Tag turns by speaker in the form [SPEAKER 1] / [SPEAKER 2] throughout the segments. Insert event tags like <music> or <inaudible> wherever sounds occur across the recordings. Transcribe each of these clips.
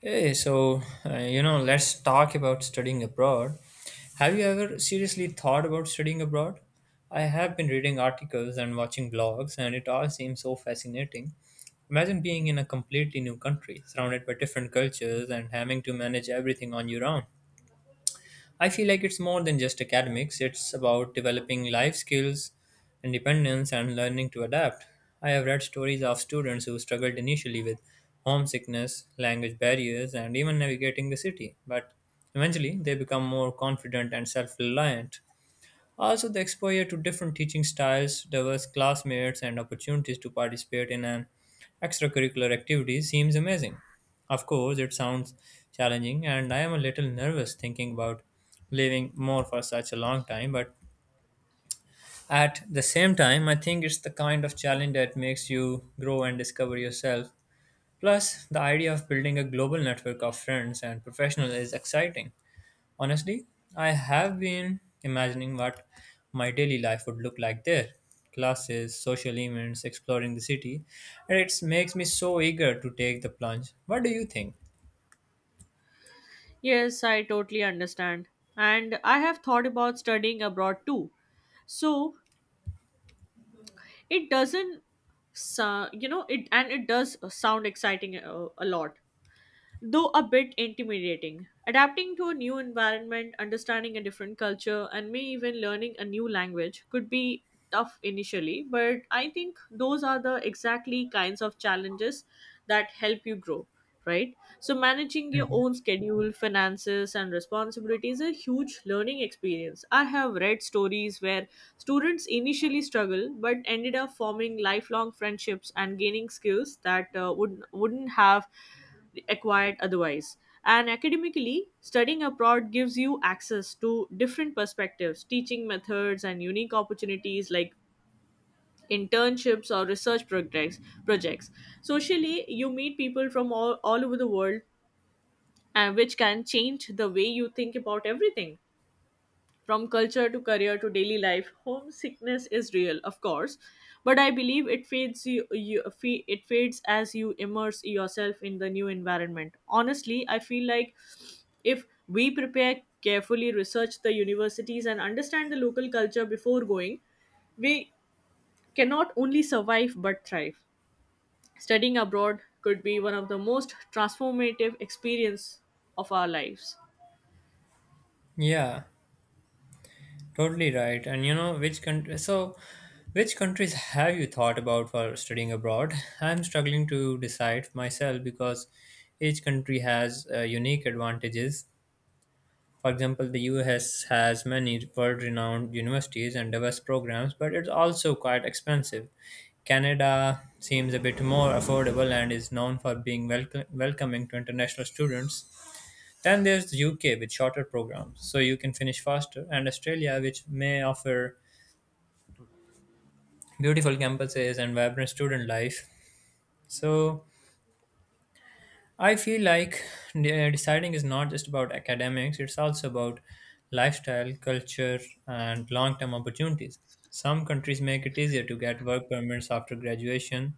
[SPEAKER 1] Hey, let's talk about studying abroad. Have you ever seriously thought about studying abroad? I have been reading articles and watching blogs, and it all seems so fascinating. Imagine being in a completely new country, surrounded by different cultures, and having to manage everything on your own. I feel like it's more than just academics, it's about developing life skills, independence, and learning to adapt. I have read stories of students who struggled initially with homesickness, language barriers, and even navigating the city, but eventually they become more confident and self reliant. Also, the exposure to different teaching styles, diverse classmates, and opportunities to participate in an extracurricular activity seems amazing. Of course, it sounds challenging, and I am a little nervous thinking about living more for such a long time, but at the same time, I think it's the kind of challenge that makes you grow and discover yourself. Plus, the idea of building a global network of friends and professionals is exciting. Honestly, I have been imagining what my daily life would look like there classes, social events, exploring the city, and it makes me so eager to take the plunge. What do you think?
[SPEAKER 2] Yes, I totally understand. And I have thought about studying abroad too. So it doesn't, so- you know, it and It does sound exciting, a lot, though a bit intimidating. Adapting to a new environment, understanding a different culture, and may even learning a new language could be tough initially, but I think those are the exactly kinds of challenges that help you grow, right? So, managing your
[SPEAKER 1] Mhm.
[SPEAKER 2] own schedule, finances, and responsibilities is a huge learning experience. I have read stories where students initially struggle but ended up forming lifelong friendships and gaining skills that wouldn't have acquired otherwise. And academically, studying abroad gives you access to different perspectives, teaching methods, and unique opportunities like internships or research projects. Socially, you meet people from all over the world, which can change the way you think about everything, from culture to career to daily life. Homesickness is real, of course, but I believe it fades. It fades as you immerse yourself in the new environment. Honestly, I feel like if we prepare carefully, research the universities, and understand the local culture before going, we cannot only survive but thrive. Studying abroad could be one of the most transformative experience of our lives.
[SPEAKER 1] Yeah, totally right. And you know, which country? So, which countries have you thought about for studying abroad? <laughs> I'm struggling to decide myself because each country has unique advantages. For example, the US has many world renowned universities and diverse programs, but it's also quite expensive. Canada seems a bit more affordable and is known for being welcoming to international students. Then there's the UK with shorter programs, so you can finish faster, and Australia, which may offer beautiful campuses and vibrant student life. So, I feel like deciding is not just about academics, it's also about lifestyle, culture, and long term opportunities. Some countries make it easier to get work permits after graduation,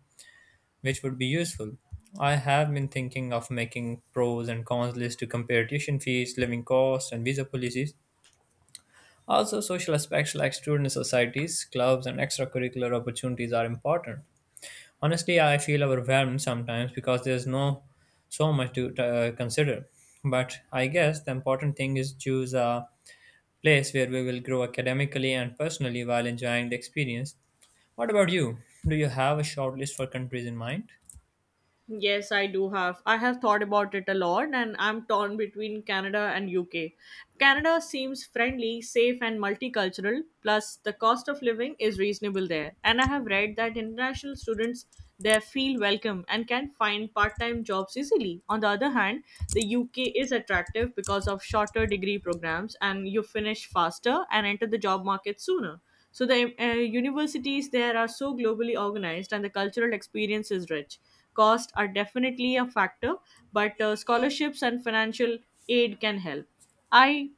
[SPEAKER 1] which would be useful. I have been thinking of making pros and cons list to compare tuition fees, living costs, and visa policies. Also, social aspects like student societies, clubs, and extracurricular opportunities are important. Honestly, I feel overwhelmed sometimes because there's no so much to consider. But I guess the important thing is choose a place where we will grow academically and personally while enjoying the experience. What about you? Do you have a short list for countries in mind?
[SPEAKER 2] Yes, I do have. I have thought about it a lot and I'm torn between Canada and UK. Canada seems friendly, safe and multicultural, plus the cost of living is reasonable there. And I have read that international students there feel welcome and can find part-time jobs easily. On the other hand, the UK is attractive because of shorter degree programs and you finish faster and enter the job market sooner. So the universities there are so globally organized and the cultural experience is rich. Cost are definitely a factor, but scholarships and financial aid can help. I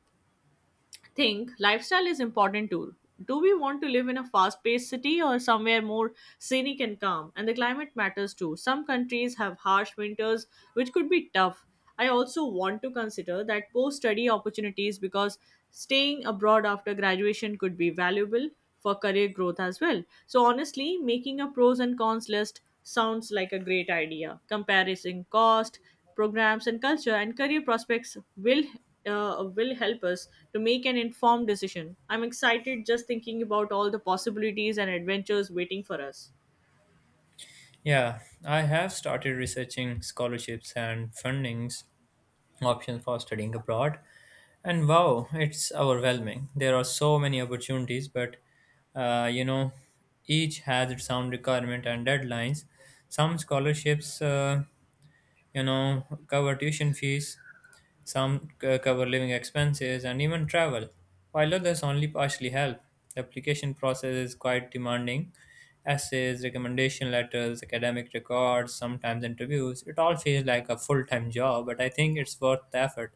[SPEAKER 2] think lifestyle is important too. Do we want to live in a fast paced city or somewhere more scenic and calm? And the climate matters too. Some countries have harsh winters, which could be tough. I also want to consider that post study opportunities because staying abroad after graduation could be valuable for career growth as well. So, honestly, making a pros and cons list sounds like a great idea. Comparison cost, programs and culture and career prospects will help us to make an informed decision. I'm excited just thinking about all the possibilities and adventures waiting for us.
[SPEAKER 1] Yeah, I have started researching scholarships and fundings options for studying abroad. And wow, it's overwhelming. There are so many opportunities, but uh, you know, each has its own requirement and deadlines. Some scholarships, cover tuition fees, some cover living expenses and even travel, while others only partially help. The application process is quite demanding. Essays, recommendation letters, academic records, sometimes interviews. It all feels like a full time job, but I think it's worth the effort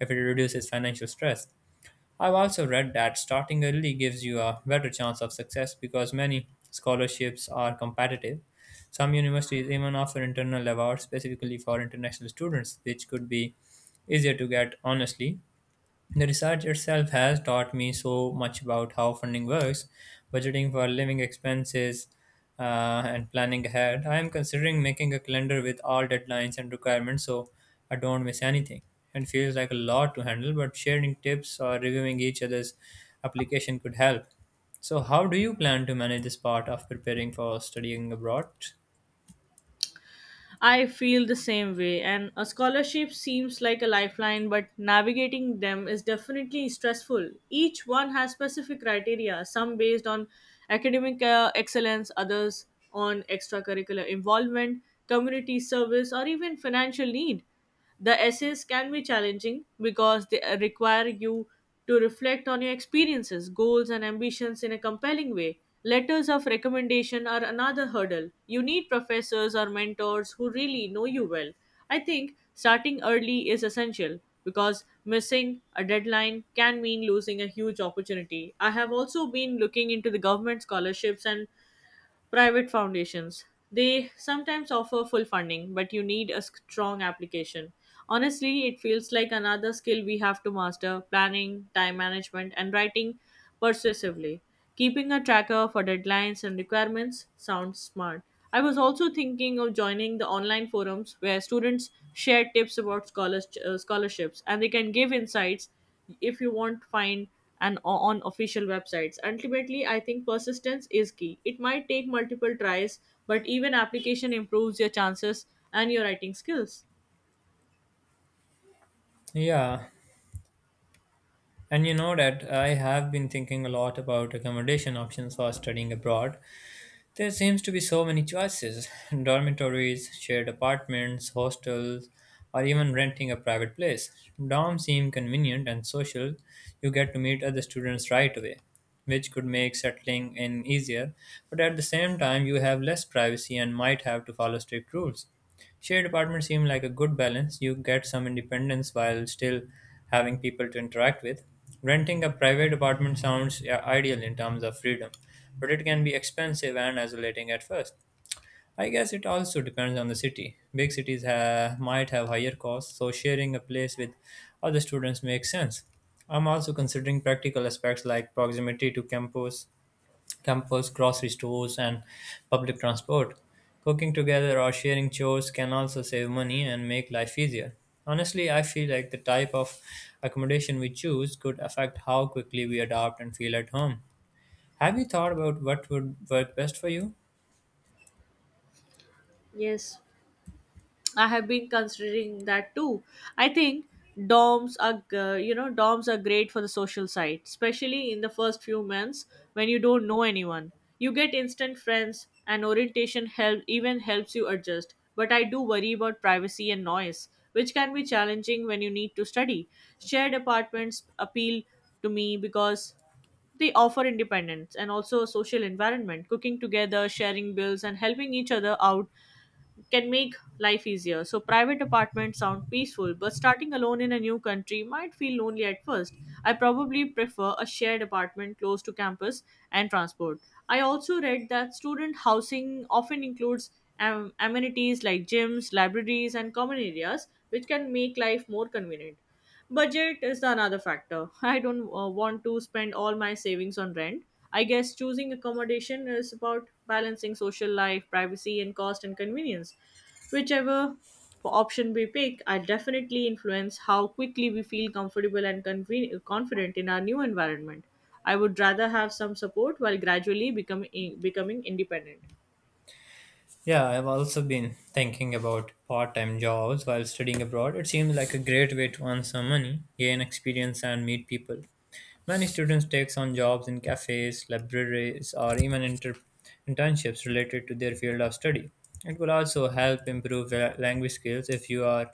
[SPEAKER 1] if it reduces financial stress. I've also read that starting early gives you a better chance of success because many scholarships are competitive. Some universities even offer internal awards specifically for international students, which could be easier to get honestly. The research itself has taught me so much about how funding works, budgeting for living expenses, and planning ahead. I am considering making a calendar with all deadlines and requirements so I don't miss anything. It feels like a lot to handle, but sharing tips or reviewing each other's application could help. So, how do you plan to manage this part of preparing for studying abroad?
[SPEAKER 2] I feel the same way, and a scholarship seems like a lifeline, but navigating them is definitely stressful. Each one has specific criteria, some based on academic excellence, others on extracurricular involvement, community service, or even financial need. The essays can be challenging because they require you to reflect on your experiences, goals, and ambitions in a compelling way. Letters of recommendation are another hurdle. You need professors or mentors who really know you well. I think starting early is essential because missing a deadline can mean losing a huge opportunity. I have also been looking into the government scholarships and private foundations. They sometimes offer full funding, but you need a strong application. Honestly, it feels like another skill we have to master: planning, time management, and writing persuasively. Keeping a tracker for deadlines and requirements sounds smart. I was also thinking of joining the online forums where students share tips about scholarships, and they can give insights if you won't find on official websites. Ultimately, I think persistence is key. It might take multiple tries, but even application improves your chances and your writing skills.
[SPEAKER 1] Yeah, and you know that I have been thinking a lot about accommodation options for studying abroad. There seems to be so many choices <laughs> dormitories, shared apartments, hostels, or even renting a private place. Dorms seem convenient and social. You get to meet other students right away, which could make settling in easier, but at the same time, you have less privacy and might have to follow strict rules. Shared apartments seem like a good balance. You get some independence while still having people to interact with. Renting a private apartment sounds yeah, ideal in terms of freedom, but it can be expensive and isolating at first. I guess it also depends on the city. Big cities might have higher costs, so sharing a place with other students makes sense. I'm also considering practical aspects like proximity to Campus, grocery stores, and public transport. Cooking together or sharing chores can also save money and make life easier. Honestly, I feel like the type of accommodation we choose could affect how quickly we adapt and feel at home. Have you thought about what would work best for you?
[SPEAKER 2] Yes, I have been considering that too. I think dorms are great for the social side, especially in the first few months when you don't know anyone. You get instant friends, and orientation help even helps you adjust. But I do worry about privacy and noise, which can be challenging when you need to study. Shared apartments appeal to me because they offer independence and also a social environment. Cooking together, sharing bills, and helping each other out can make life easier. So private apartments sound peaceful, but starting alone in a new country might feel lonely at first. I probably prefer a shared apartment close to campus and transport. I also read that student housing often includes amenities like gyms, libraries, and common areas, which can make life more convenient. Budget is the another factor. <laughs> I don't want to spend all my savings on rent. I guess choosing accommodation is about balancing social life, privacy, and cost and convenience. Whichever option we pick, I definitely influence how quickly we feel comfortable and confident in our new environment. I would rather have some support while gradually becoming independent.
[SPEAKER 1] Yeah, I've also been thinking about part time jobs while studying abroad. It seems like a great way to earn some money, gain experience, and meet people. Many students take on jobs in cafes, libraries, or even internships related to their field of study. It will also help improve language skills if you are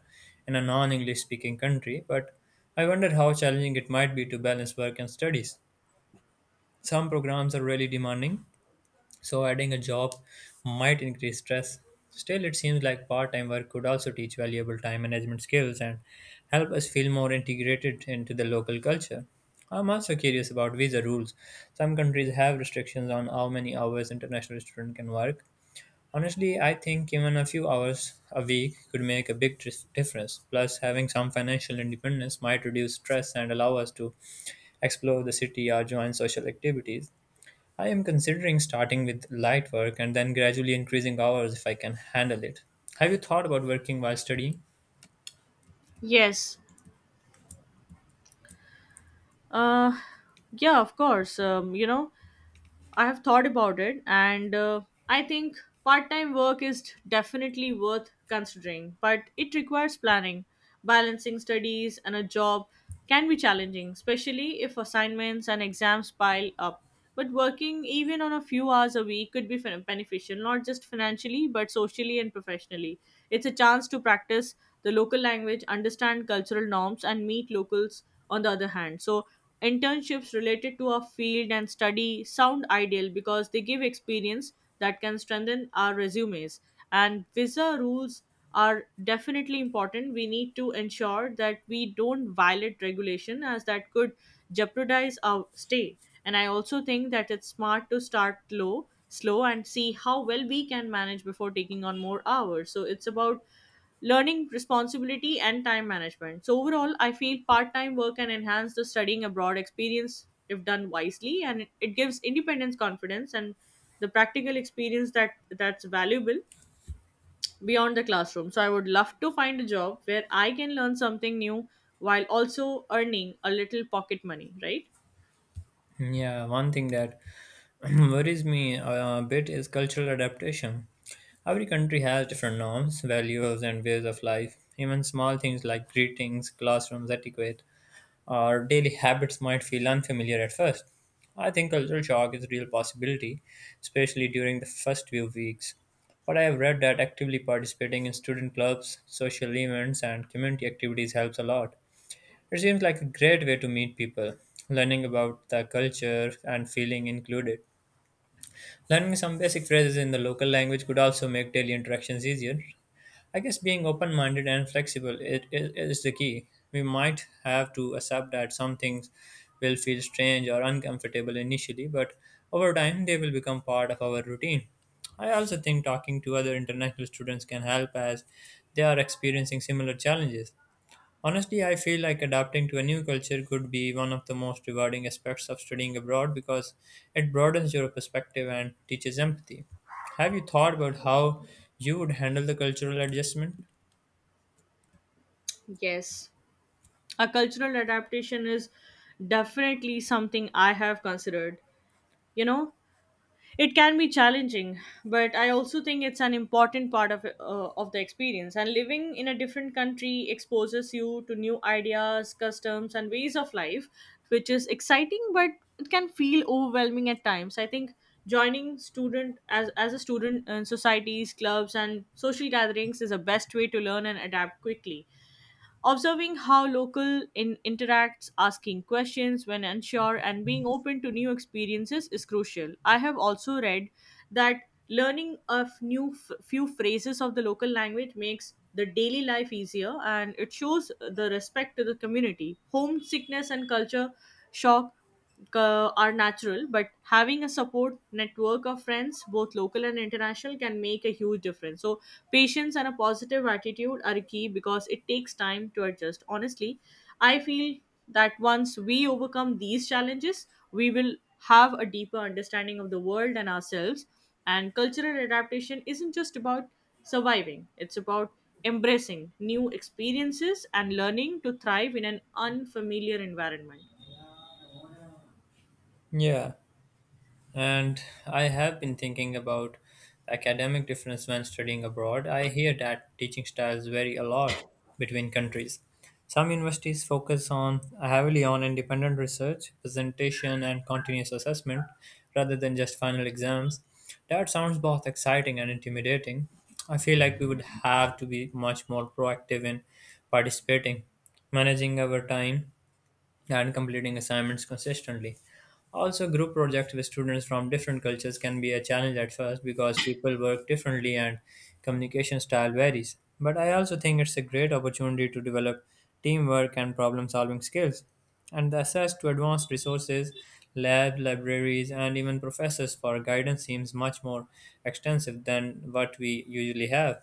[SPEAKER 1] in a non English speaking country, but I wonder how challenging it might be to balance work and studies. Some programs are really demanding, so adding a job might increase stress. Still, it seems like part time work could also teach valuable time management skills and help us feel more integrated into the local culture. I'm also curious about visa rules. Some countries have restrictions on how many hours international student can work. Honestly, I think even a few hours a week could make a big difference. Plus, having some financial independence might reduce stress and allow us to explore the city or join social activities. I am considering starting with light work and then gradually increasing hours if I can handle it. Have you thought about working while studying?
[SPEAKER 2] Yes. Uh, yeah, of course. I have thought about it, and I think part time work is definitely worth considering, but it requires planning. Balancing studies and a job can be challenging, especially if assignments and exams pile up. But working even on a few hours a week could be beneficial, not just financially, but socially and professionally. It's a chance to practice the local language, understand cultural norms, and meet locals on the other hand. So, internships related to our field and study sound ideal because they give experience that can strengthen our resumes. And visa rules are definitely important. We need to ensure that we don't violate regulation, as that could jeopardize our stay. And I also think that it's smart to start low, slow, and see how well we can manage before taking on more hours. So it's about learning responsibility and time management. So overall, I feel part-time work can enhance the studying abroad experience if done wisely, and it gives independence, confidence, and the practical experience that's valuable beyond the classroom. So I would love to find a job where I can learn something new while also earning a little pocket money, right?
[SPEAKER 1] Yeah, one thing that <clears throat> worries me a bit is cultural adaptation. Every country has different norms, values, and ways of life. Even small things like greetings, classrooms, etiquette, our daily habits might feel unfamiliar at first. I think cultural shock is a real possibility, especially during the first few weeks. But I have read that actively participating in student clubs, social events, and community activities helps a lot. It seems like a great way to meet people, learning about the culture and feeling included. Learning some basic phrases in the local language could also make daily interactions easier. I guess being open minded and flexible it is the key. We might have to accept that some things will feel strange or uncomfortable initially, but over time they will become part of our routine. I also think talking to other international students can help as they are experiencing similar challenges. Honestly, I feel like adapting to a new culture could be one of the most rewarding aspects of studying abroad because it broadens your perspective and teaches empathy. Have you thought about how you would handle the cultural adjustment?
[SPEAKER 2] Yes. A cultural adaptation is definitely something I have considered. You know, it can be challenging, but I also think it's an important part of the experience. And living in a different country exposes you to new ideas, customs, and ways of life, which is exciting, but it can feel overwhelming at times. I think joining student as a student in societies clubs, and social gatherings is the best way to learn and adapt quickly. Observing how local in interacts, asking questions when unsure, and being open to new experiences is crucial. I have also read that learning a few phrases of the local language makes the daily life easier and it shows the respect to the community. Homesickness and culture shock are natural, but having a support network of friends, both local and international, can make a huge difference. So, patience and a positive attitude are key because it takes time to adjust. Honestly, I feel that once we overcome these challenges, we will have a deeper understanding of the world and ourselves. And cultural adaptation isn't just about surviving, it's about embracing new experiences and learning to thrive in an unfamiliar environment.
[SPEAKER 1] Yeah, and I have been thinking about academic difference when studying abroad. I hear that teaching styles vary a lot between countries. Some universities focus on heavily on independent research, presentation, and continuous assessment rather than just final exams. That sounds both exciting and intimidating. I feel like we would have to be much more proactive in participating, managing our time, and completing assignments consistently. Also, group projects with students from different cultures can be a challenge at first because people work differently and communication style varies. But I also think it's a great opportunity to develop teamwork and problem solving skills. And the access to advanced resources, labs, libraries, and even professors for guidance seems much more extensive than what we usually have.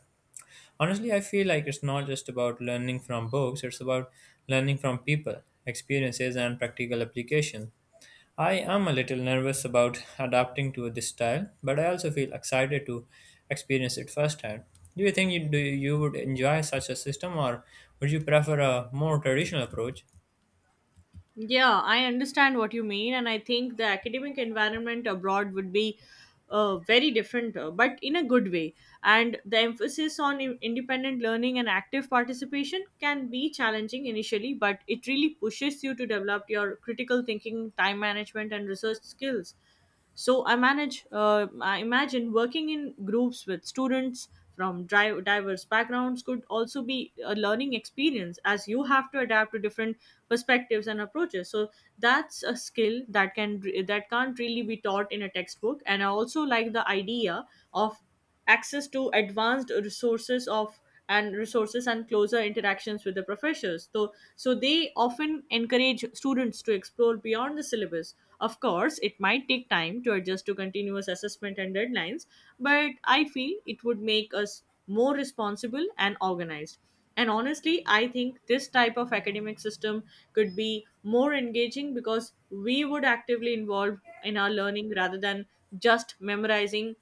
[SPEAKER 1] Honestly, I feel like it's not just about learning from books, it's about learning from people, experiences, and practical application. I am a little nervous about adapting to this style, but I also feel excited to experience it firsthand. Do you would enjoy such a system, or would you prefer a more traditional approach?
[SPEAKER 2] Yeah, I understand what you mean, and I think the academic environment abroad would be very different, but in a good way. And the emphasis on independent learning and active participation can be challenging initially, but it really pushes you to develop your critical thinking, time management, and research skills. I imagine working in groups with students from diverse backgrounds could also be a learning experience as you have to adapt to different perspectives and approaches. So that's a skill that can't really be taught in a textbook. And I also like the idea of access to advanced resources of and resources and closer interactions with the professors, so they often encourage students to explore beyond the syllabus. Of course, it might take time to adjust to continuous assessment and deadlines, but I feel it would make us more responsible and organized. And honestly, I think this type of academic system could be more engaging because we would actively involve in our learning rather than just memorizing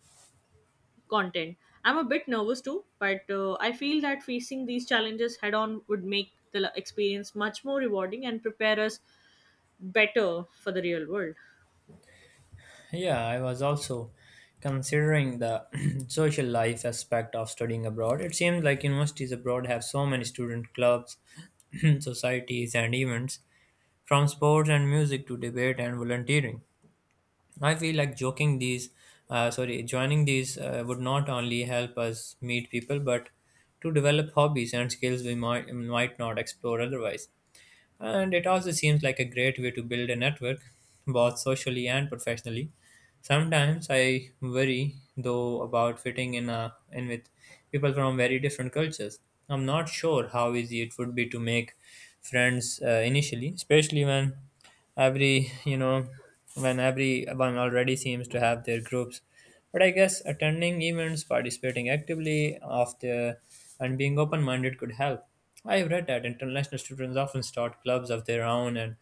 [SPEAKER 2] content. I'm a bit nervous too, but I feel that facing these challenges head on would make the experience much more rewarding and prepare us better for the real world.
[SPEAKER 1] Yeah, I was also considering the <clears throat> social life aspect of studying abroad. It seems like universities abroad have so many student clubs, <clears throat> societies, and events, from sports and music to debate and volunteering. I feel like joining these would not only help us meet people, but to develop hobbies and skills we might not explore otherwise. And it also seems like a great way to build a network, both socially and professionally. Sometimes I worry though about fitting in with people from very different cultures. I'm not sure how easy it would be to make friends initially, especially when every you know when everyone already seems to have their groups. But I guess attending events, participating actively of the and being open-minded could help. I've read that international students often start clubs of their own and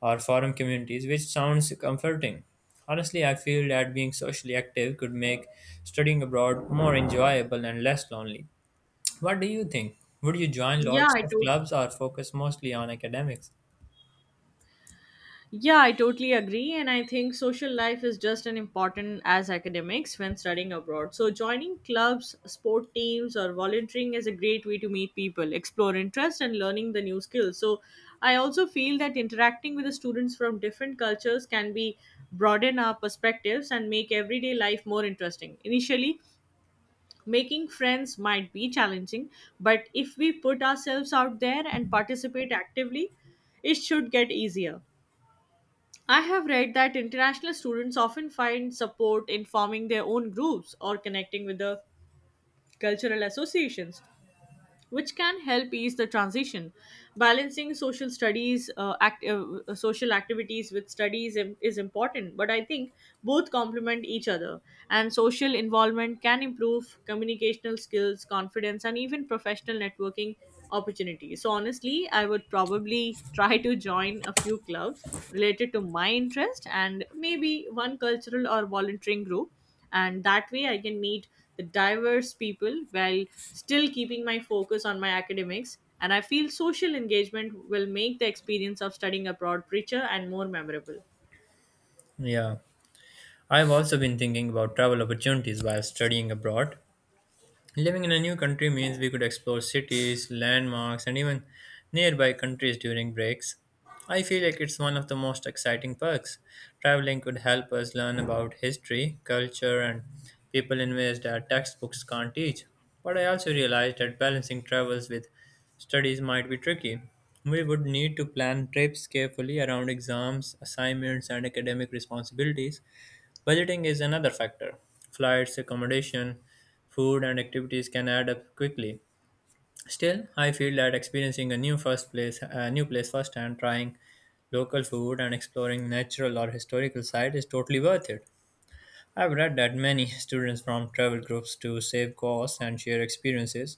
[SPEAKER 1] or forum communities, which sounds comforting. Honestly, I feel that being socially active could make studying abroad more enjoyable and less lonely. What do you think? Would you join
[SPEAKER 2] Yeah,
[SPEAKER 1] lots
[SPEAKER 2] I
[SPEAKER 1] of
[SPEAKER 2] do.
[SPEAKER 1] clubs or focus mostly on academics?
[SPEAKER 2] Yeah, I totally agree. And I think social life is just as important as academics when studying abroad. So, joining clubs, sport teams, or volunteering is a great way to meet people, explore interests, and learning the new skills. So, I also feel that interacting with the students from different cultures can be broaden our perspectives and make everyday life more interesting. Initially, making friends might be challenging, but if we put ourselves out there and participate actively, it should get easier. I have read that international students often find support in forming their own groups or connecting with the cultural associations which can help ease the transition. Balancing social studies, social activities with studies is important, but I think both complement each other. And social involvement can improve communicational skills, confidence, and even professional networking opportunities. So honestly, I would probably <laughs> try to join a few clubs related to my interest and maybe one cultural or volunteering group, and that way I can meet the diverse people while still keeping my focus on my academics. And I feel social engagement will make the experience of studying abroad richer and more memorable.
[SPEAKER 1] Yeah, I've also been thinking about travel opportunities while studying abroad. Living in a new country means we could explore cities, landmarks, and even nearby countries during breaks. I feel like it's one of the most exciting perks. Traveling could help us learn about history, culture, and people in ways that textbooks can't teach. But I also realized that balancing travels with studies might be tricky. We would need to plan trips carefully around exams, assignments, and academic responsibilities. Budgeting is another factor. Flights, accommodation, food, and activities can add up quickly. Still, I feel that experiencing a new place firsthand, trying local food and exploring natural or historical sites is totally worth it. I've read that many students from travel groups to save costs and share experiences.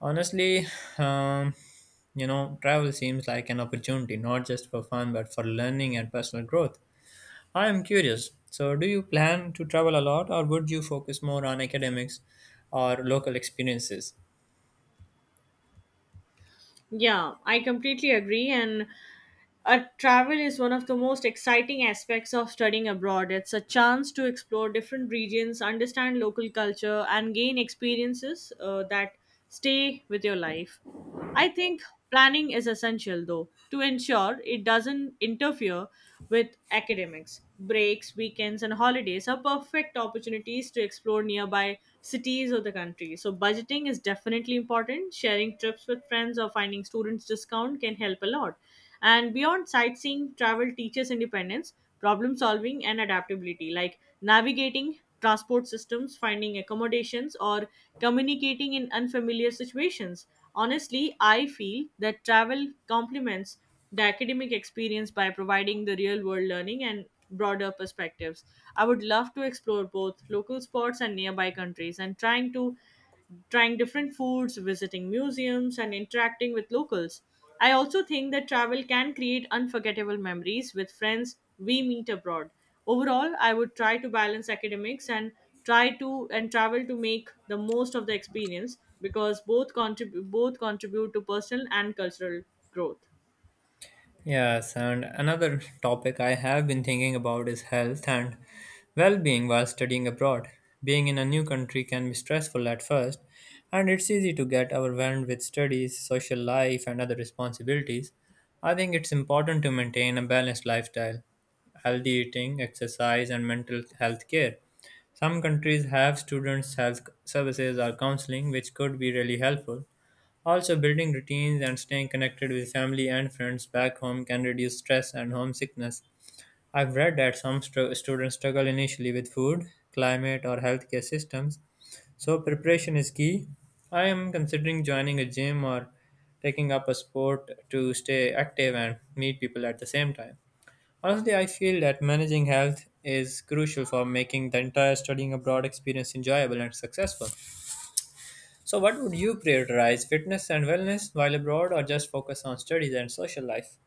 [SPEAKER 1] Honestly, um, travel seems like an opportunity not just for fun but for learning and personal growth. I am curious. So, do you plan to travel a lot, or would you focus more on academics or local experiences?
[SPEAKER 2] Yeah, I completely agree. And travel is one of the most exciting aspects of studying abroad. It's a chance to explore different regions, understand local culture, and gain experiences that stay with your life. I think planning is essential, though, to ensure it doesn't interfere with academics. Breaks, weekends, and holidays are perfect opportunities to explore nearby cities or the country. So, budgeting is definitely important. Sharing trips with friends or finding students' discount can help a lot. And beyond sightseeing, travel teaches independence, problem solving, and adaptability, like navigating transport systems, finding accommodations, or communicating in unfamiliar situations. Honestly, I feel that travel complements the academic experience by providing the real world learning and broader perspectives. I would love to explore both local spots and nearby countries, and trying different foods, visiting museums, and interacting with locals. I also think that travel can create unforgettable memories with friends we meet abroad. Overall, I would try to balance academics and travel to make the most of the experience, because both contribute to personal and cultural growth.
[SPEAKER 1] Yes, and another topic I have been thinking about is health and well being while studying abroad. Being in a new country can be stressful at first, and it's easy to get overwhelmed with studies, social life, and other responsibilities. I think it's important to maintain a balanced lifestyle, healthy eating, exercise, and mental health care. Some countries have students' health services or counseling, which could be really helpful. Also, building routines and staying connected with family and friends back home can reduce stress and homesickness. I've read that some students struggle initially with food, climate, or healthcare systems, so preparation is key. I am considering joining a gym or taking up a sport to stay active and meet people at the same time. Honestly, I feel that managing health is crucial for making the entire studying abroad experience enjoyable and successful. So, what would you prioritize, fitness and wellness while abroad, or just focus on studies and social life?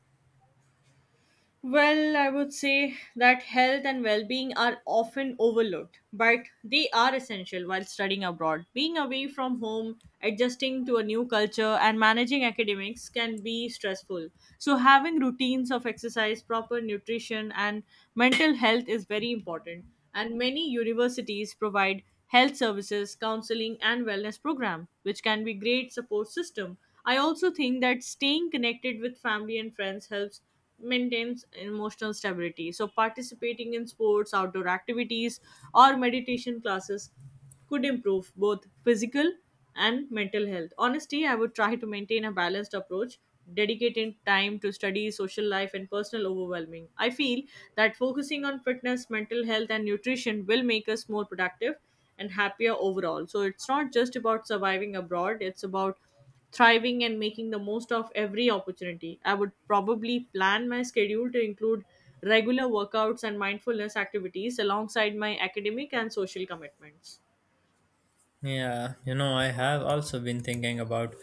[SPEAKER 2] Well, I would say that health and well being are often overlooked, but they are essential while studying abroad. Being away from home, adjusting to a new culture, and managing academics can be stressful. So, having routines of exercise, proper nutrition, and mental health is very important. And many universities provide health services, counseling, and wellness program, which can be great support system. I also think that staying connected with family and friends helps maintains emotional stability. So participating in sports, outdoor activities, or meditation classes could improve both physical and mental health. Honestly, I would try to maintain a balanced approach, dedicating time to study, social life, and personal overwhelming. I feel that focusing on fitness, mental health, and nutrition will make us more productive and happier overall. So it's not just about surviving abroad, it's about thriving and making the most of every opportunity. I would probably plan my schedule to include regular workouts and mindfulness activities alongside my academic and social commitments.
[SPEAKER 1] Yeah, you know, I have also been thinking about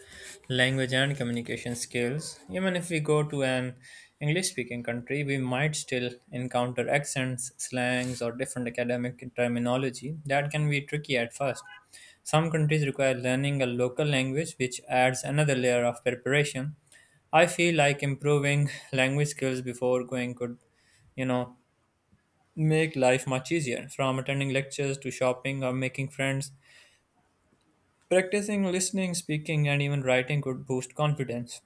[SPEAKER 1] language and communication skills. Even if we go to an English speaking country, we might still encounter accents, slangs, or different academic terminology that can be tricky at first. Some countries require learning a local language, which adds another layer of preparation. I feel like improving language skills before going could, you know, make life much easier, from attending lectures to shopping or making friends. Practicing listening, speaking, and even writing could boost confidence.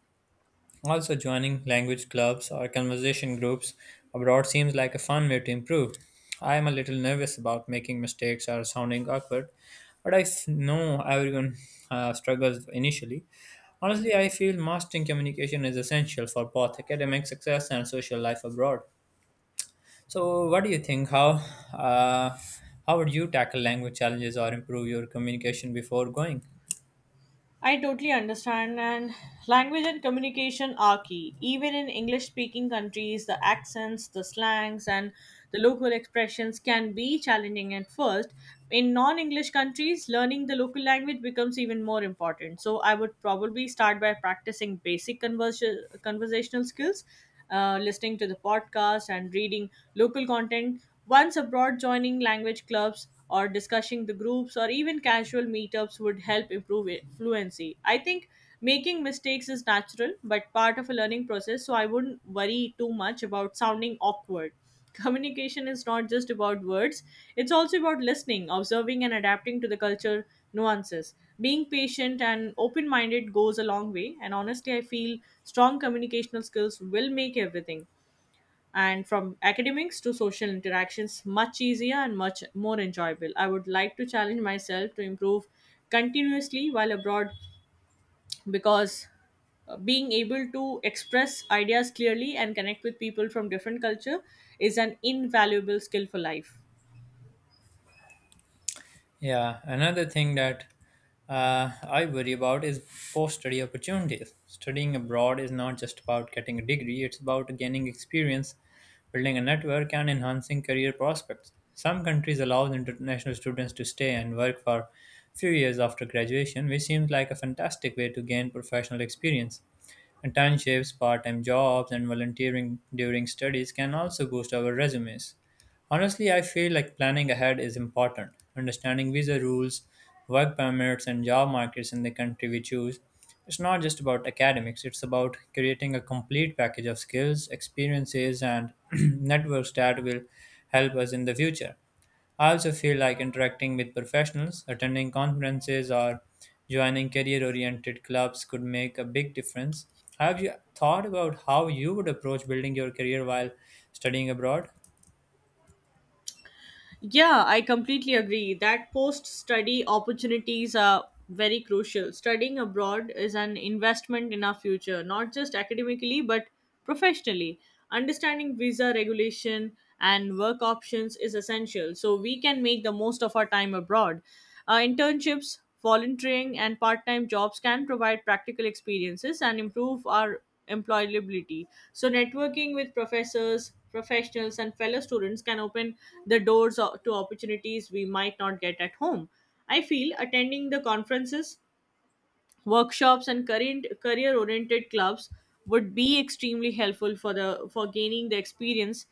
[SPEAKER 1] Also, joining language clubs or conversation groups abroad seems like a fun way to improve. I am a little nervous about making mistakes or sounding awkward, but know everyone struggles initially. Honestly, I feel mastering communication is essential for both academic success and social life abroad. So, what do you think? Uh, how would you tackle language challenges or improve your communication before going?
[SPEAKER 2] I totally understand, and language and communication are key. Even in English speaking countries, the accents, the slangs, and the local expressions can be challenging at first. In non English countries, learning the local language becomes even more important. So, I would probably start by practicing basic conversational skills, listening to the podcast and reading local content. Once abroad, joining language clubs or discussing the groups or even casual meetups would help improve fluency. I think making mistakes is natural but part of a learning process, so I wouldn't worry too much about sounding awkward. Communication is not just about words, it's also about listening, observing, and adapting to the culture nuances. Being patient and open minded goes a long way, and honestly, I feel strong communicational skills will make everything and from academics to social interactions much easier and much more enjoyable. I would like to challenge myself to improve continuously while abroad, because being able to express ideas clearly and connect with people from different culture is an invaluable skill for life.
[SPEAKER 1] Yeah, another thing that I worry about is post study opportunities. Studying abroad is not just about getting a degree, it's about gaining experience, building a network, and enhancing career prospects. Some countries allow international students to stay and work for few years after graduation, which seems like a fantastic way to gain professional experience. Internships, part time jobs, and volunteering during studies can also boost our resumes. Honestly, I feel like planning ahead is important. Understanding visa rules, work permits, and job markets in the country we choose. It's not just about academics, it's about creating a complete package of skills, experiences, and <clears throat> networks that will help us in the future. I also feel like interacting with professionals, attending conferences, or joining career oriented clubs could make a big difference. Have you thought about how you would approach building your career while studying abroad?
[SPEAKER 2] Yeah, I completely agree that post study opportunities are very crucial. Studying abroad is an investment in our future, not just academically but professionally. Understanding visa regulation and work options is essential so we can make the most of our time abroad. Internships, volunteering, and part time jobs can provide practical experiences and improve our employability. So, networking with professors, professionals, and fellow students can open the doors to opportunities we might not get at home. I feel attending the conferences, workshops, and career oriented clubs would be extremely helpful for gaining the experience,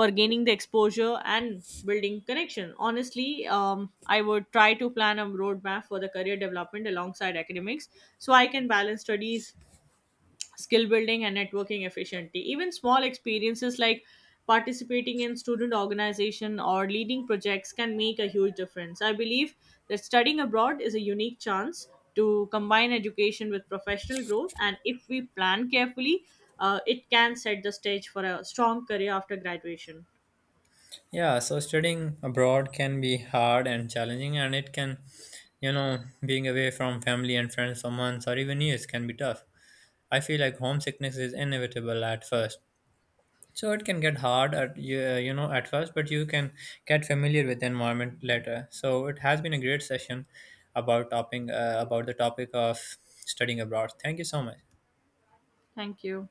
[SPEAKER 2] for gaining the exposure and building connection. Honestly, I would try to plan a roadmap for the career development alongside academics, so I can balance studies, skill building and networking efficiently. Even small experiences like participating in student organization or leading projects can make a huge difference. I believe that studying abroad is a unique chance to combine education with professional growth, and if we plan carefully, it can set the stage for a strong career after graduation.
[SPEAKER 1] Yeah, so studying abroad can be hard and challenging, and it can, you know, being away from family and friends for months or even years can be tough. I feel like homesickness is inevitable at first. So it can get hard at at first, but you can get familiar with the environment later. So it has been a great session about topping about the topic of studying abroad. Thank you so much.
[SPEAKER 2] Thank you.